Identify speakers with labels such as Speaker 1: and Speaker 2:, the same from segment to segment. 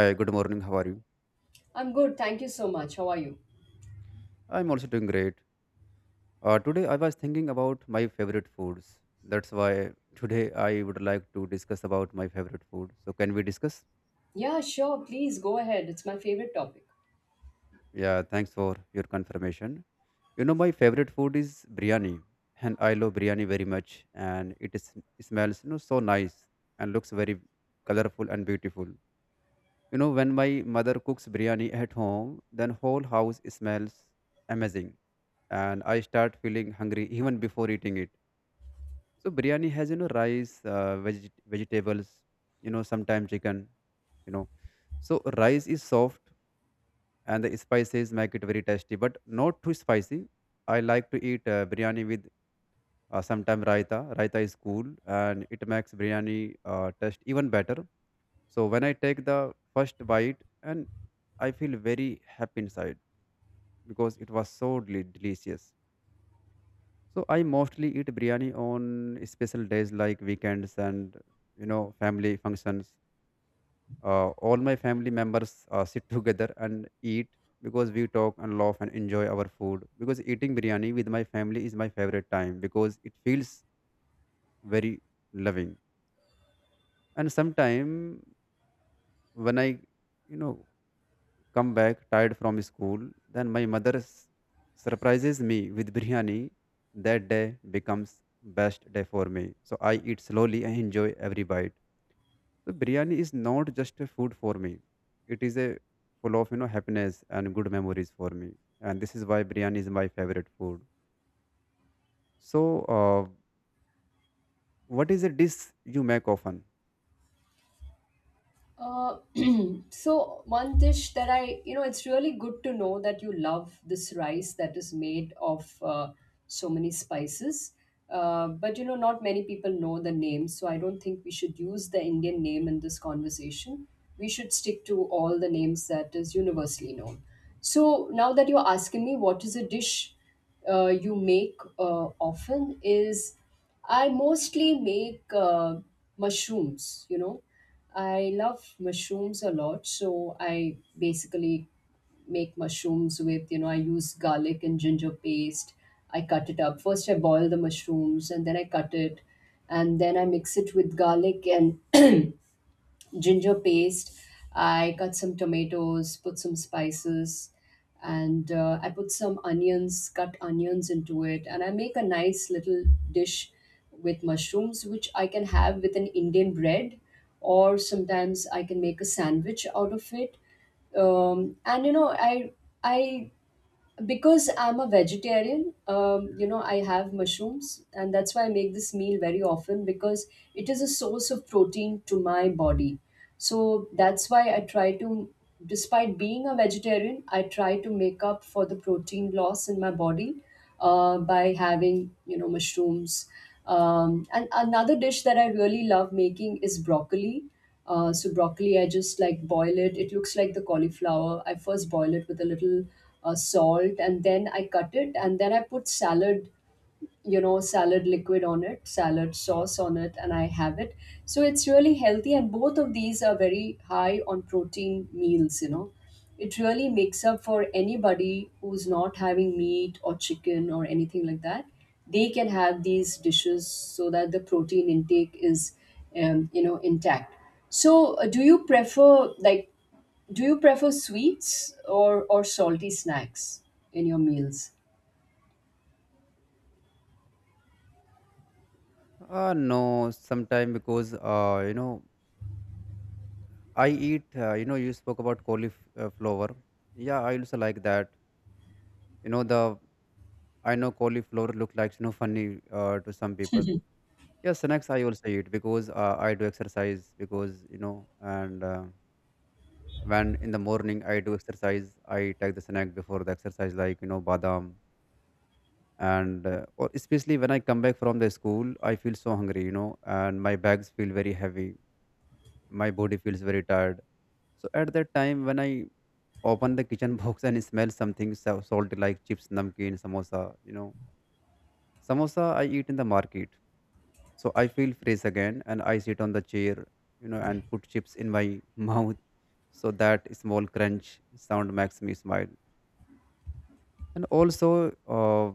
Speaker 1: Hi, good morning. How are you?
Speaker 2: I'm good. Thank you so much. How are you?
Speaker 1: I'm also doing great. Today, I was thinking about my favorite foods. That's why today I would like to discuss about my favorite food. So, can we discuss?
Speaker 2: Yeah, sure. Please go ahead. It's my favorite topic.
Speaker 1: Yeah, thanks for your confirmation. You know, my favorite food is biryani, and I love biryani very much. And it smells, you know, so nice and looks very colorful and beautiful. You know, when my mother cooks biryani at home, then whole house smells amazing, and I start feeling hungry even before eating it. So biryani has, you know, rice, vegetables, you know, sometimes chicken, you know. So rice is soft and the spices make it very tasty, but not too spicy. I like to eat biryani with sometimes raita. Raita is cool and it makes biryani taste even better. So when I take the first bite and I feel very happy inside because it was so delicious. So I mostly eat biryani on special days like weekends and, you know, family functions. All my family members sit together and eat because we talk and laugh and enjoy our food. Because eating biryani with my family is my favorite time because it feels very loving. And sometime when I, you know, come back tired from school. Then my mother surprises me with biryani. That day becomes best day for me. So I eat slowly and enjoy every bite. So biryani is not just a food for me. It is a full of, you know, happiness and good memories for me. And this is why biryani is my favorite food. So what is a dish you make often?
Speaker 2: Uh, so one dish that it's really good to know that you love this rice that is made of so many spices. But not many people know the name, so I don't think we should use the Indian name in this conversation. We should stick to all the names that is universally known. So now that you're asking me what is a dish you make often is I mostly make mushrooms, you know. I love mushrooms a lot, so I basically make mushrooms with, you know, I use garlic and ginger paste. I cut it up. First, I boil the mushrooms and then I cut it, and then I mix it with garlic and ginger paste. I cut some tomatoes, put some spices, and I put some onions, cut onions into it, and I make a nice little dish with mushrooms, which I can have with an Indian bread, or sometimes I can make a sandwich out of it. And I because I'm a vegetarian, I have mushrooms, and that's why I make this meal very often because it is a source of protein to my body. So that's why I try to, despite being a vegetarian, I try to make up for the protein loss in my body by having, you know, mushrooms. And another dish that I really love making is broccoli. So broccoli, I just like boil it. It looks like the cauliflower. I first boil it with a little salt, and then I cut it, and then I put salad, you know, salad liquid on it, salad sauce on it, and I have it. So it's really healthy, and both of these are very high on protein meals, you know. It really makes up for anybody who's not having meat or chicken or anything like that. They can have these dishes so that the protein intake is, you know, intact. So do you prefer like do you prefer sweets or salty snacks in your meals?
Speaker 1: No, sometime because you know, I eat, you know, you spoke about cauliflower. Yeah, I also like that. You know, the I know cauliflower look like, you know, funny to some people. Yeah, snacks I also eat because I do exercise because, you know, and when in the morning I do exercise I take the snack before the exercise like, you know, badam, and or especially when I come back from the school I feel so hungry, you know, and my bags feel very heavy, my body feels very tired. So at that time when I open the kitchen box and smell something so salty like chips, namkeen, samosa, you know. Samosa I eat in the market. So I feel fresh again and I sit on the chair, you know, and put chips in my mouth. So that small crunch sound makes me smile. And also,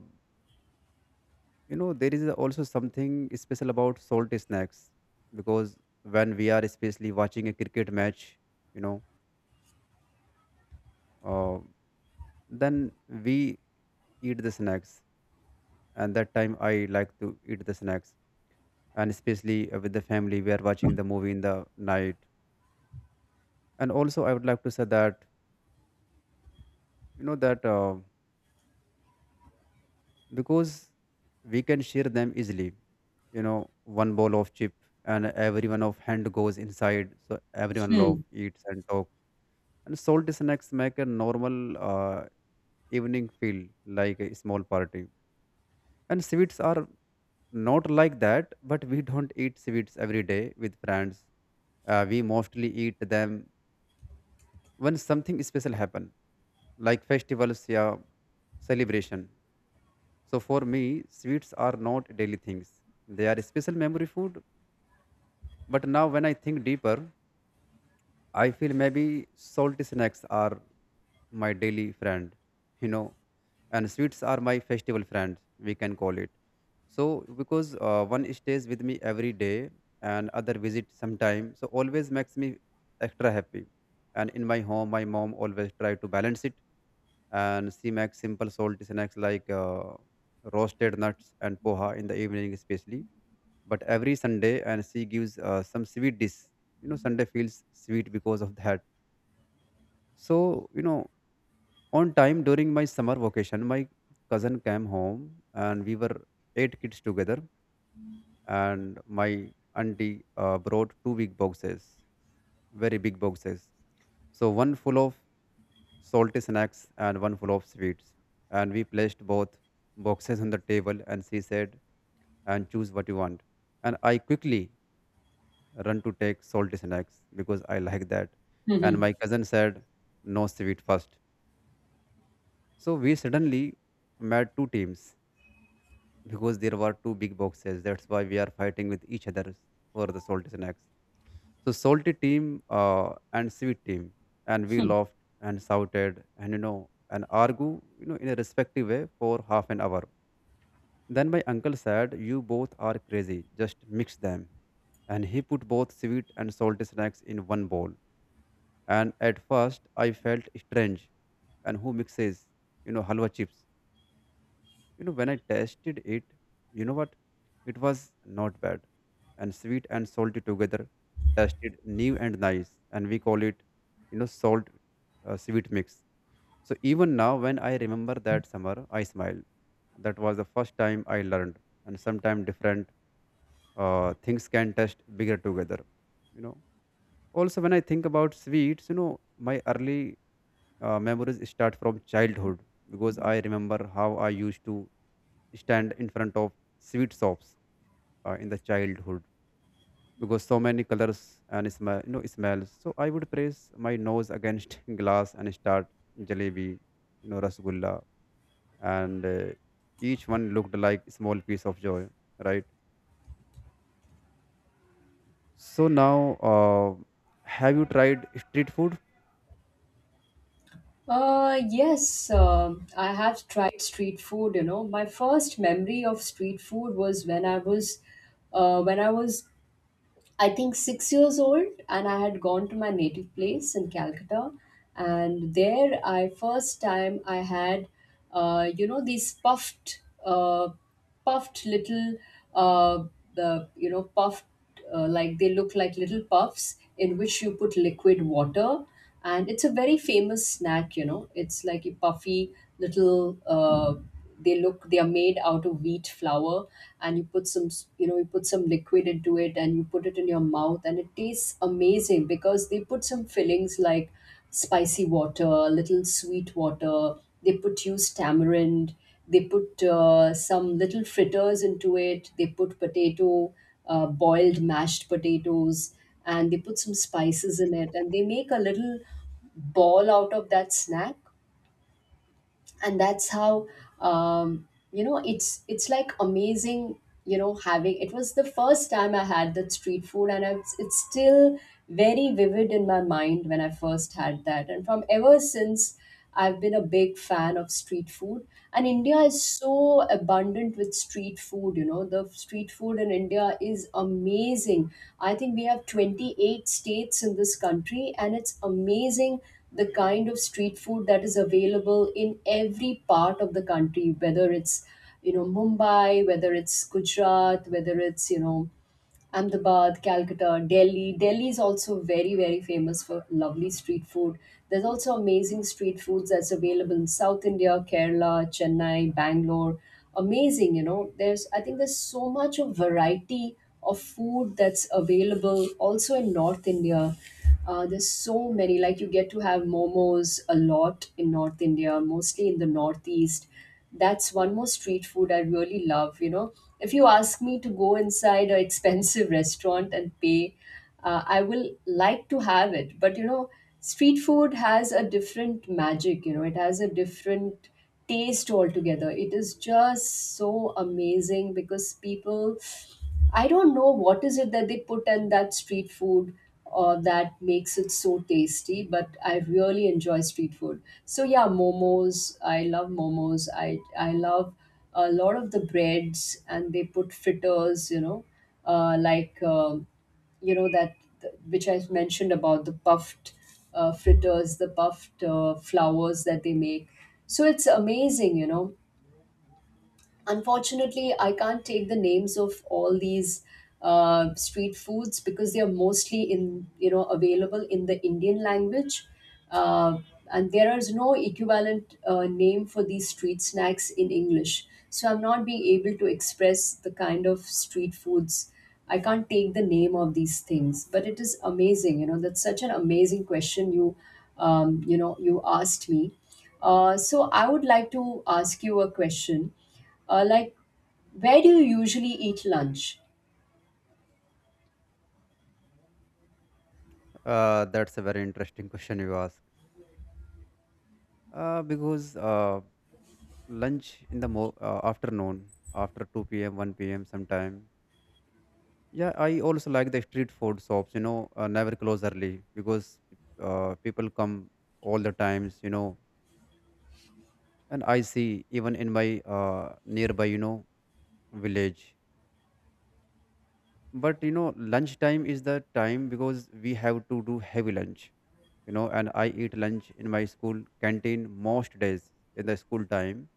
Speaker 1: you know, there is also something special about salty snacks because when we are especially watching a cricket match, you know, uh, then we eat the snacks. And that time I like to eat the snacks. And especially with the family, we are watching the movie in the night. And also I would like to say that, you know, that because we can share them easily, you know, one bowl of chip, and everyone of hand goes inside, so everyone love
Speaker 2: Hmm.
Speaker 1: eats and talk. And salty snacks make a normal, uh, evening feel like a small party. And sweets are not like that, but we don't eat sweets every day with friends. We mostly eat them when something special happen, like festivals, yeah, celebration. So for me, sweets are not daily things. They are special memory food. But now when I think deeper, I feel maybe salty snacks are my daily friend, you know, and sweets are my festival friend, we can call it. So because one stays with me every day and other visit sometime, so always makes me extra happy. And in my home, my mom always try to balance it, and she makes simple salty snacks like roasted nuts and poha in the evening especially. But every Sunday, and she gives some sweet dish, you know, Sunday feels sweet because of that. So, you know, on time during my summer vacation, my cousin came home and we were eight kids together. And my auntie brought two big boxes, very big boxes, so one full of salty snacks and one full of sweets. And we placed both boxes on the table and she said, and choose what you want. And I quickly run to take salty snacks because I like that. And my cousin said, no sweet first. So we suddenly made two teams because there were two big boxes. That's why we are fighting with each other for the salty snacks. So salty team, and sweet team, and we laughed and shouted and, you know, and argue, you know, in a respective way for half an hour. Then my uncle said, "You both are crazy. Just mix them." And he put both sweet and salty snacks in one bowl. And at first, I felt strange. And who mixes, you know, halwa chips? You know, when I tasted it, you know what? It was not bad. And sweet and salty together tasted new and nice. And we call it, you know, salt, sweet mix. So even now, when I remember that summer, I smile. That was the first time I learned. And sometimes different things can taste bigger together, you know. Also, when I think about sweets, you know, my early memories start from childhood because I remember how I used to stand in front of sweet shops in the childhood because so many colors and smell, you know, smells. So I would press my nose against glass and start jalebi, you know, rasgulla, and each one looked like small piece of joy, right? So now, have you tried street food?
Speaker 2: Yes, I have tried street food, you know. My first memory of street food was when I was, uh, when I was, I think, 6 years old, and I had gone to my native place in Calcutta, and there I first time I had, these puffed, puffed little, uh, the you know, puffed, like they look like little puffs in which you put liquid water, and it's a very famous snack, you know. It's like a puffy little they look they are made out of wheat flour, and you put some you put some liquid into it, and you put it in your mouth, and it tastes amazing because they put some fillings like spicy water, little sweet water, they put used tamarind, they put some little fritters into it, they put potato, boiled mashed potatoes, and they put some spices in it, and they make a little ball out of that snack. And that's how, you know, it's like amazing, you know, having it was the first time I had that street food, and it's still very vivid in my mind when I first had that, and from ever since I've been a big fan of street food. And India is so abundant with street food. You know, the street food in India is amazing. I think we have 28 states in this country, and it's amazing the kind of street food that is available in every part of the country, whether it's, you know, Mumbai, whether it's Gujarat, whether it's, you know, Ahmedabad, Calcutta, Delhi. Delhi is also very, very famous for lovely street food. There's also amazing street foods that's available in South India, Kerala, Chennai, Bangalore. Amazing, you know. There's, I think, there's so much of variety of food that's available also in North India. There's so many. Like you get to have momos a lot in North India, mostly in the Northeast. That's one more street food I really love. You know, if you ask me to go inside a expensive restaurant and pay, I will like to have it. But you know, street food has a different magic. You know, it has a different taste altogether. It is just so amazing because people I don't know what is it that they put in that street food or that makes it so tasty, but I really enjoy street food. So yeah, momos. I love momos. I love a lot of the breads, and they put fritters. You know, uh, like um you know that which I mentioned about the puffed fritters, the puffed flowers that they make. So it's amazing, you know. Unfortunately, I can't take the names of all these street foods because they are mostly in, you know, available in the Indian language, uh, and there is no equivalent name for these street snacks in English. So I'm not being able to express the kind of street foods. I can't take the name of these things, but it is amazing. You know, that's such an amazing question you know, you asked me. So I would like to ask you a question. Uh, like, where do you usually eat lunch?
Speaker 1: That's a very interesting question you ask. Because lunch in the afternoon, after 2 p.m., 1 p.m., sometime. Yeah, I also like the street food shops, you know, never close early because people come all the times, you know, and I see even in my nearby, you know, village. But, you know, lunchtime is the time because we have to do heavy lunch, you know, and I eat lunch in my school canteen most days in the school time.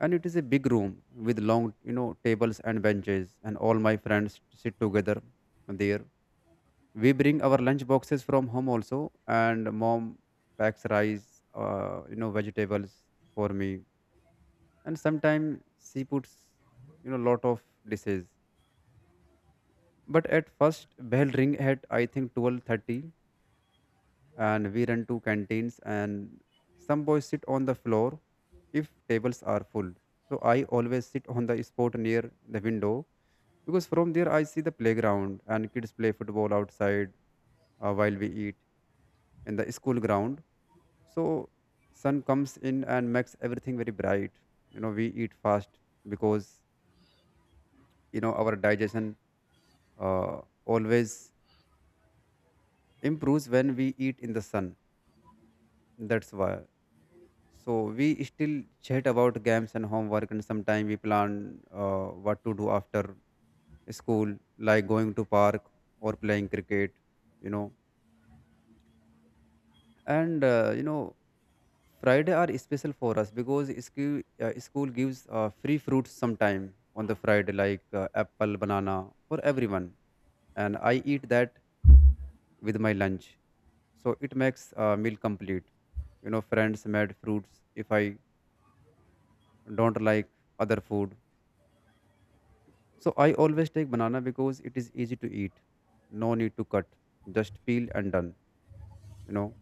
Speaker 1: And it is a big room with long, you know, tables and benches, and all my friends sit together there. We bring our lunch boxes from home also, and mom packs rice, you know, vegetables for me. And sometimes she puts, you know, lot of dishes. But at first bell ring at I think 12:30, and we run to canteens, and some boys sit on the floor if tables are full. So I always sit on the spot near the window because from there I see the playground and kids play football outside, while we eat in the school ground. So sun comes in and makes everything very bright. You know, we eat fast because, you know, our digestion, always improves when we eat in the sun, that's why. So we still chat about games and homework, and sometimes we plan, what to do after school, like going to park or playing cricket, you know. And, you know, Friday are special for us because school gives free fruits sometime on the Friday, like apple, banana for everyone, and I eat that with my lunch. So it makes meal complete. You know, friends made fruits if I don't like other food. So I always take banana because it is easy to eat. No need to cut, just peel and done. You know,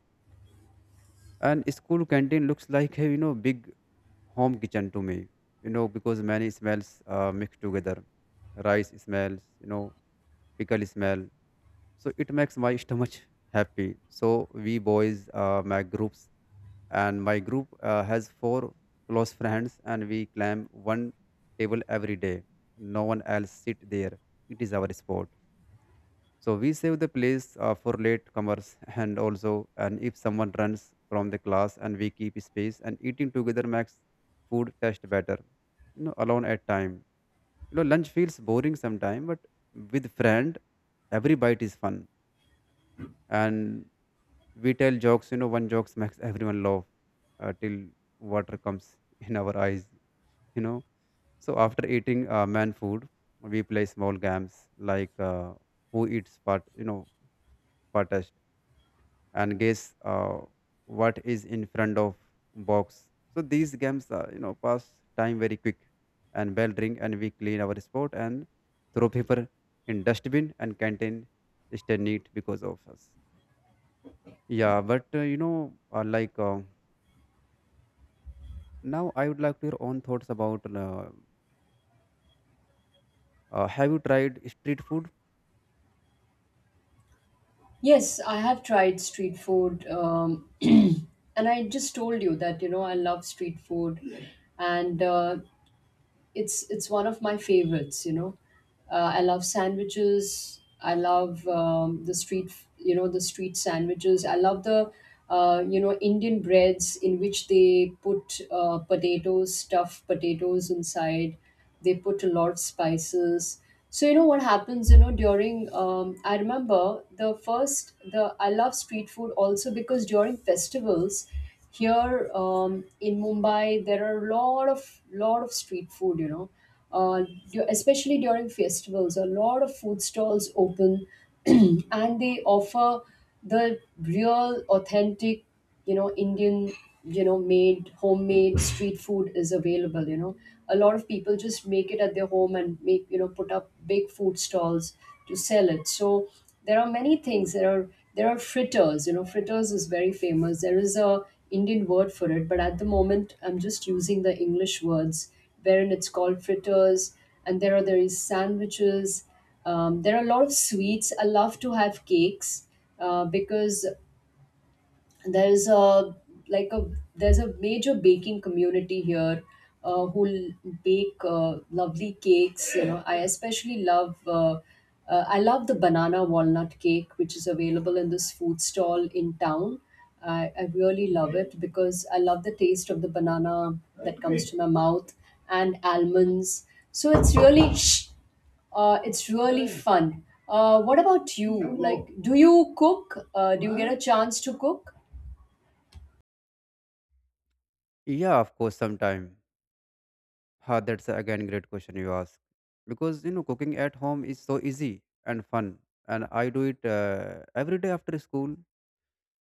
Speaker 1: and school canteen looks like a, you know, big home kitchen to me, you know, because many smells mix together. Rice smells, you know, pickle smell, so it makes my stomach happy. So we boys make groups, and my group has four close friends, and we climb one table every day. No one else sit there, it is our sport. So we save the place for latecomers and also, and if someone runs from the class, and we keep space. And eating together makes food taste better. You know, alone at time. You know, lunch feels boring sometime, but with friend, every bite is fun. And we tell jokes. You know, one jokes makes everyone laugh till water comes in our eyes. You know. So after eating man food, we play small games like, who eats part. You know, part and guess, what is in front of box. So these games, you know, pass time very quick, and bell ring, and we clean our spot and throw paper in dustbin, and canteen stay neat because of us. Yeah, but you know, like now, I would like to your own thoughts about. Have you tried street food?
Speaker 2: Yes, I have tried street food, and I just told you that you know I love street food, and it's one of my favorites, you know. I love sandwiches. I love, the street, you know, the street sandwiches. I love the you know, Indian breads in which they put potatoes, stuffed potatoes inside. They put a lot of spices. So you know what happens, you know, during, I remember the first the I love street food also because during festivals here, in Mumbai, there are a lot of, street food. You know, uh, especially during festivals, a lot of food stalls open, and they offer the real, authentic, you know, Indian, you know, made homemade street food is available. You know, a lot of people just make it at their home and make, you know, put up big food stalls to sell it. So there are many things. There are fritters. You know, fritters is very famous. There is a Indian word for it, but at the moment I'm just using the English words wherein it's called fritters. And there is sandwiches. There are a lot of sweets. I love to have cakes, because there's a like a there's a major baking community here, uh, who l- bake lovely cakes. You know, I especially love I love the banana walnut cake which is available in this food stall in town. I really love it because I love the taste of the banana that comes to my mouth and almonds. So it's really shh, it's really fun. What about you? Like, do you cook? Do you get a chance to cook?
Speaker 1: Yeah, of course, sometime. Ha, that's again great question you ask. Because you know, cooking at home is so easy and fun, and I do it every day after school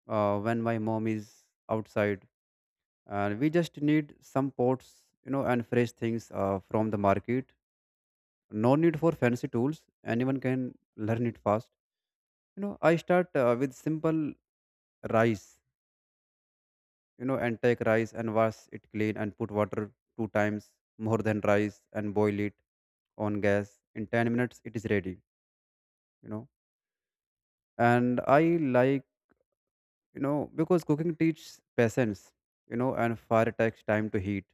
Speaker 1: when my mom is outside, and we just need some pots, you know, and fresh things from the market. No need for fancy tools. Anyone can learn it fast. You know, I start with simple rice, you know, and take rice and wash it clean and put water two times more than rice and boil it on gas. In 10 minutes it is ready, you know. And I like, you know, because cooking teaches patience, you know, and fire takes time to heat,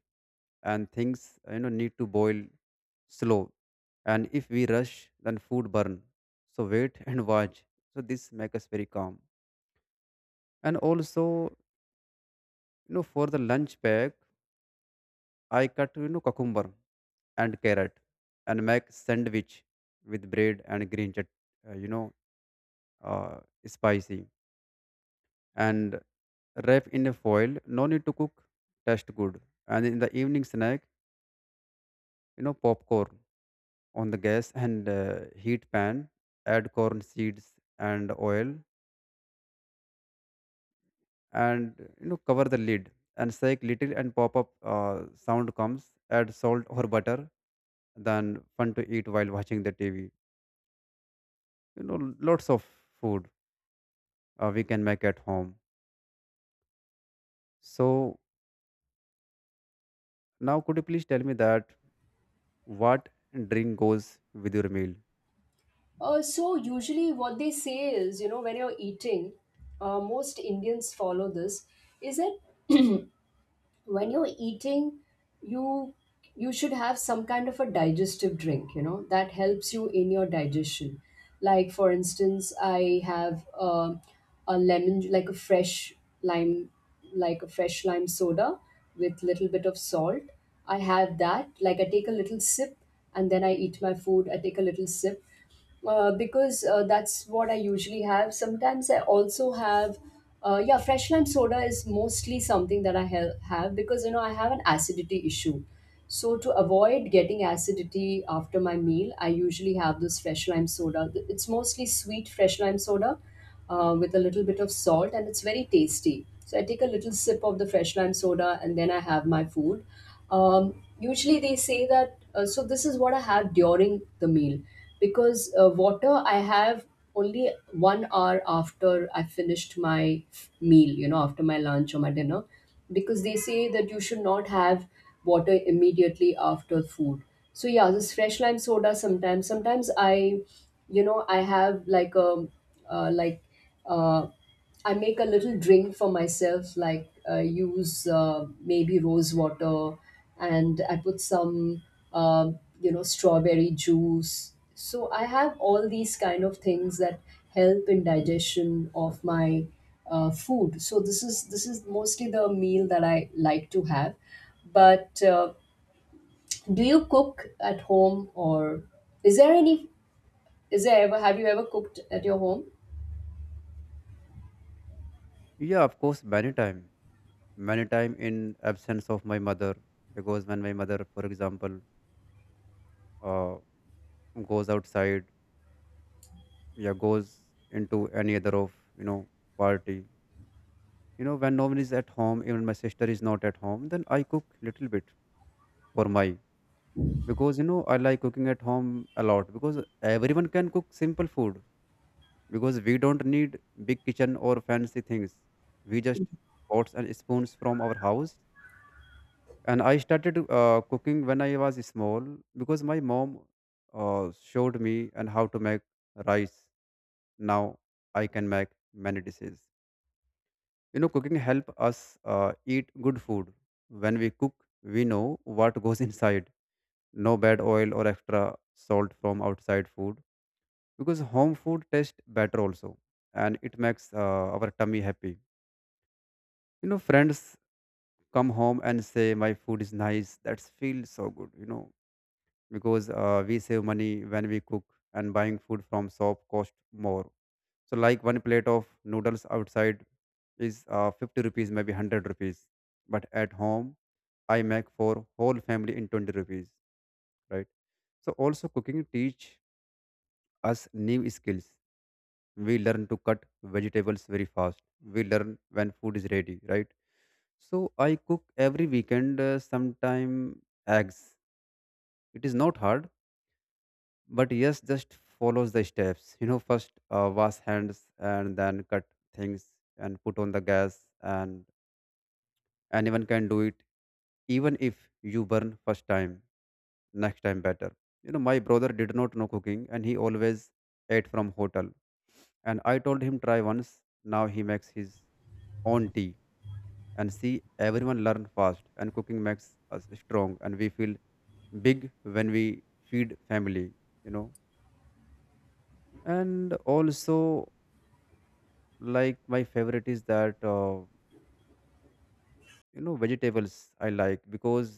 Speaker 1: and things, you know, need to boil slow, and if we rush, then food burn. So wait and watch, so this makes us very calm. And also, you know, for the lunch pack, I cut, you know, cucumber and carrot and make sandwich with bread and green chut, you know, uh, spicy, and wrap in a foil. No need to cook, taste good. And in the evening snack, you know, popcorn on the gas, and heat pan, add corn seeds and oil, and, you know, cover the lid and shake little, and pop up sound comes, add salt or butter, then fun to eat while watching the TV. You know, lots of food we can make at home. So now could you please tell me that what drink goes with your meal?
Speaker 2: So usually what they say is, you know, when you're eating, most Indians follow this, is that when you're eating, you you should have some kind of a digestive drink, you know, that helps you in your digestion. Like for instance, I have a lemon, like a fresh lime, like a fresh lime soda with little bit of salt. I have that, like I take a little sip and then I eat my food. I take a little sip because that's what I usually have. Sometimes I also have, yeah, fresh lime soda is mostly something that have because you know I have an acidity issue. So to avoid getting acidity after my meal, I usually have this fresh lime soda. It's mostly sweet fresh lime soda, with a little bit of salt, and it's very tasty. So I take a little sip of the fresh lime soda, and then I have my food. Usually they say that. So this is what I have during the meal, because water I have only 1 hour after I finished my meal. You know, after my lunch or my dinner, because they say that you should not have water immediately after food. So yeah, this fresh lime soda sometimes. Sometimes I, you know, I have like a uh, like uh, I make a little drink for myself, like use maybe rose water, and I put some you know, strawberry juice. So I have all these kind of things that help in digestion of my food. So this is mostly the meal that I like to have. But do you cook at home, or is there any? Is there ever have you ever cooked at your home?
Speaker 1: Yeah, of course, many time in absence of my mother. Because when my mother, for example, uh, goes outside, yeah, goes into any other of, you know, party, you know, when no one is at home, even my sister is not at home, then I cook little bit for my. Because you know I like cooking at home a lot, because everyone can cook simple food, because we don't need big kitchen or fancy things. We just pots and spoons from our house. And I started cooking when I was small, because my mom showed me and how to make rice. Now I can make many dishes. You know, cooking help us eat good food. When we cook, we know what goes inside. No bad oil or extra salt from outside food, because home food tastes better also, and it makes our tummy happy. You know, friends come home and say my food is nice, that feels so good, you know. Because we save money when we cook, and buying food from shop cost more. So like one plate of noodles outside is 50 rupees, maybe 100 rupees, but at home I make for whole family in 20 rupees, right? So also cooking teach us new skills. We learn to cut vegetables very fast, we learn when food is ready, right? So I cook every weekend, sometime eggs. It is not hard, but yes, just follows the steps. You know, first wash hands and then cut things and put on the gas, and anyone can do it, even if you burn first time, next time better. You know, my brother did not know cooking and he always ate from hotel. And I told him try once. Now he makes his own tea, and see, everyone learn fast, and cooking makes us strong, and we feel big when we feed family, you know. And also, like my favorite is that, you know, vegetables I like, because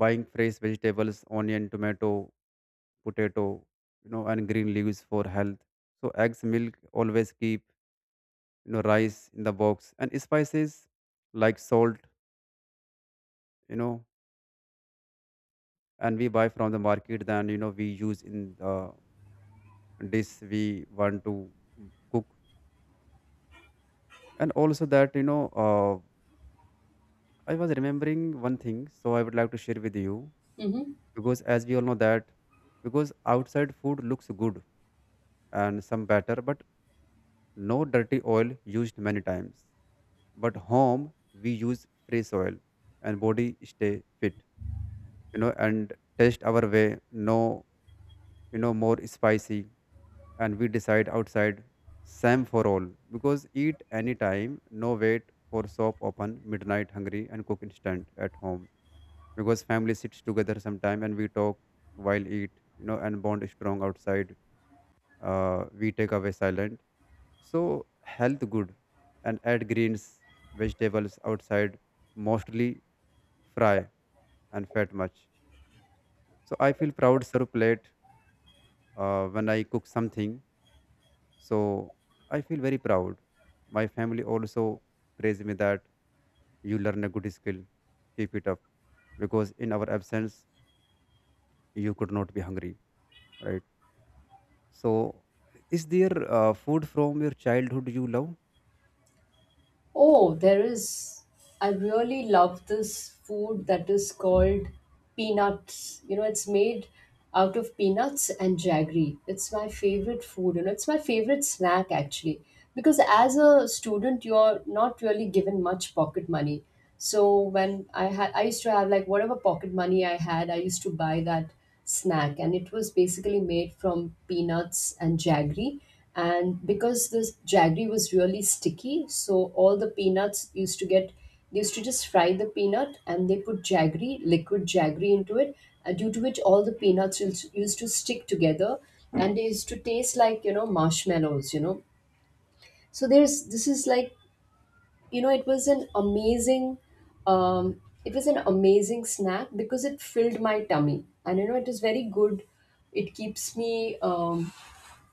Speaker 1: buying fresh vegetables, onion, tomato, potato, you know, and green leaves for health. So eggs, milk always keep, you know, rice in the box, and spices like salt, you know, and we buy from the market, then, you know, we use in the dish we want to cook. And also that, I was remembering one thing, so I would like to share with you.
Speaker 2: Hmm.
Speaker 1: Because, as we all know, that because outside food looks good and some better, but no dirty oil used many times. But home we use fresh oil, and body stay fit, you know, and taste our way. No, you know, more spicy, and we decide. Outside same for all, because eat anytime, no wait for shop open midnight hungry, and cook instant at home, because family sits together sometime, and we talk while eat, you know, and bond strong. Outside we take away silent. So health good, and add greens vegetables. Outside mostly fry and fat much. So I feel proud sir plate when I cook something. So I feel very proud. My family also praise me that you learn a good skill, keep it up, because in our absence you could not be hungry, right? So, is there food from your childhood you love?
Speaker 2: Oh, there is. I really love this food that is called peanuts. You know, it's made out of peanuts and jaggery. It's my favorite food. You know, it's my favorite snack actually. Because as a student, you're not really given much pocket money. So when I had, I used to have like whatever pocket money I had, I used to buy that snack, and it was basically made from peanuts and jaggery. And because this jaggery was really sticky, so all the peanuts used to get they used to just fry the peanut, and they put jaggery, liquid jaggery into it, due to which all the peanuts used to stick together, and they used to taste like, you know, marshmallows, you know. So there's this is like, you know, it was an amazing, it was an amazing snack because it filled my tummy, and you know it is very good. It keeps me,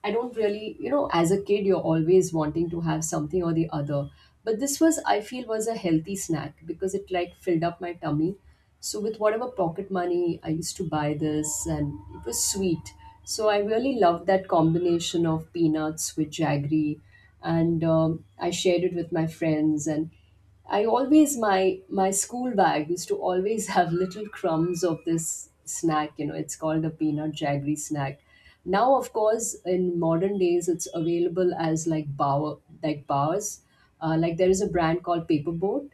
Speaker 2: I don't really, you know, as a kid, you're always wanting to have something or the other. But this was, I feel, was a healthy snack because it like filled up my tummy. So with whatever pocket money, I used to buy this, and it was sweet. So I really loved that combination of peanuts with jaggery. And I shared it with my friends. And I always my school bag used to always have little crumbs of this snack. You know, it's called a peanut jaggery snack. Now, of course, in modern days, it's available as like bower like bars. Like there is a brand called Paperboat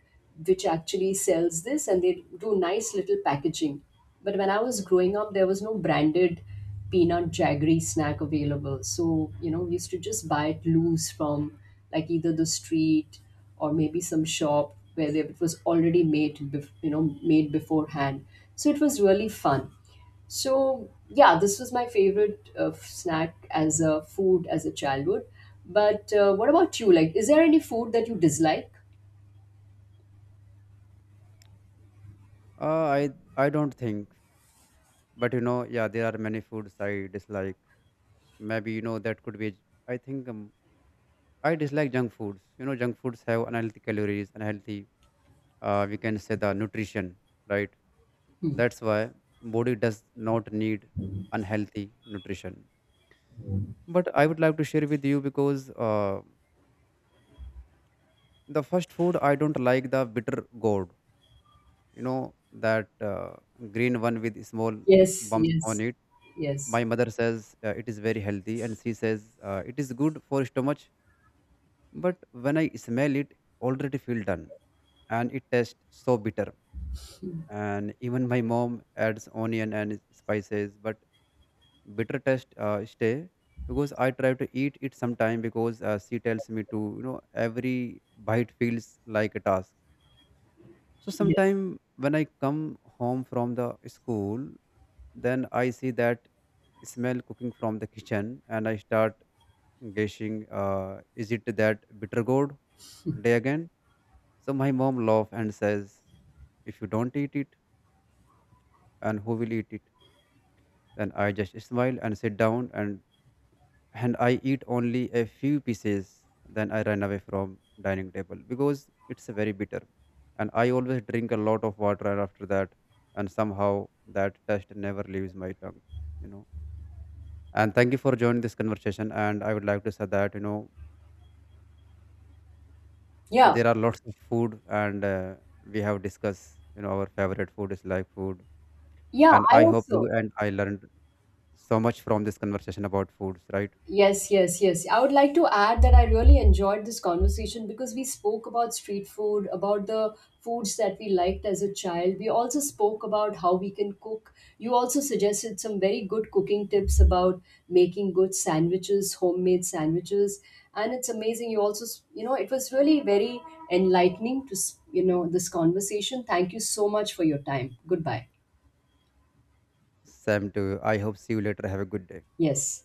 Speaker 2: which actually sells this, and they do nice little packaging. But when I was growing up, there was no branded peanut jaggery snack available. So, you know, we used to just buy it loose from like either the street or maybe some shop where they, it was already made, you know, made beforehand. So it was really fun. So yeah, this was my favorite snack as a food as a childhood. But what about you? Like, is there any food that you dislike?
Speaker 1: Uh, I I don't think, but you know, yeah, there are many foods I dislike. Maybe you know that could be. I think I dislike junk foods. You know, junk foods have unhealthy calories, unhealthy. We can say the nutrition, right?
Speaker 2: Hmm.
Speaker 1: That's why body does not need unhealthy nutrition. But I would like to share with you, because the first food I don't like, the bitter gourd, you know, that green one with small
Speaker 2: Yes,
Speaker 1: bumps on
Speaker 2: yes,
Speaker 1: it.
Speaker 2: yes,
Speaker 1: My mother says it is very healthy, and she says it is good for stomach, but when I smell it, already feel done, and it tastes so bitter. And even my mom adds onion and spices, but bitter taste stay, because I try to eat it sometime because she tells me to, you know. Every bite feels like a task. So
Speaker 2: yes.
Speaker 1: sometime when I come home from the school, then I see that smell cooking from the kitchen, and I start guessing, is it that bitter gourd day again? So my mom laughs and says, "If you don't eat it, and who will eat it?" Then I just smile and sit down, and I eat only a few pieces, then I run away from dining table because it's very bitter. And I always drink a lot of water after that, and somehow that taste never leaves my tongue, you know. And thank you for joining this conversation. And I would like to say that, you know,
Speaker 2: Yeah,
Speaker 1: there are lots of food, and we have discussed, you know, our favorite food is like food.
Speaker 2: yeah,
Speaker 1: And
Speaker 2: I
Speaker 1: I hope
Speaker 2: also.
Speaker 1: you and I learned so much from this conversation about foods, right?
Speaker 2: Yes, yes, yes. I would like to add that I really enjoyed this conversation because we spoke about street food, about the foods that we liked as a child. We also spoke about how we can cook. You also suggested some very good cooking tips about making good sandwiches, homemade sandwiches. And it's amazing. You also, you know, it was really very enlightening to, you know, this conversation. Thank you so much for your time. Goodbye.
Speaker 1: Same to you. I hope see you later. Have a good day.
Speaker 2: Yes.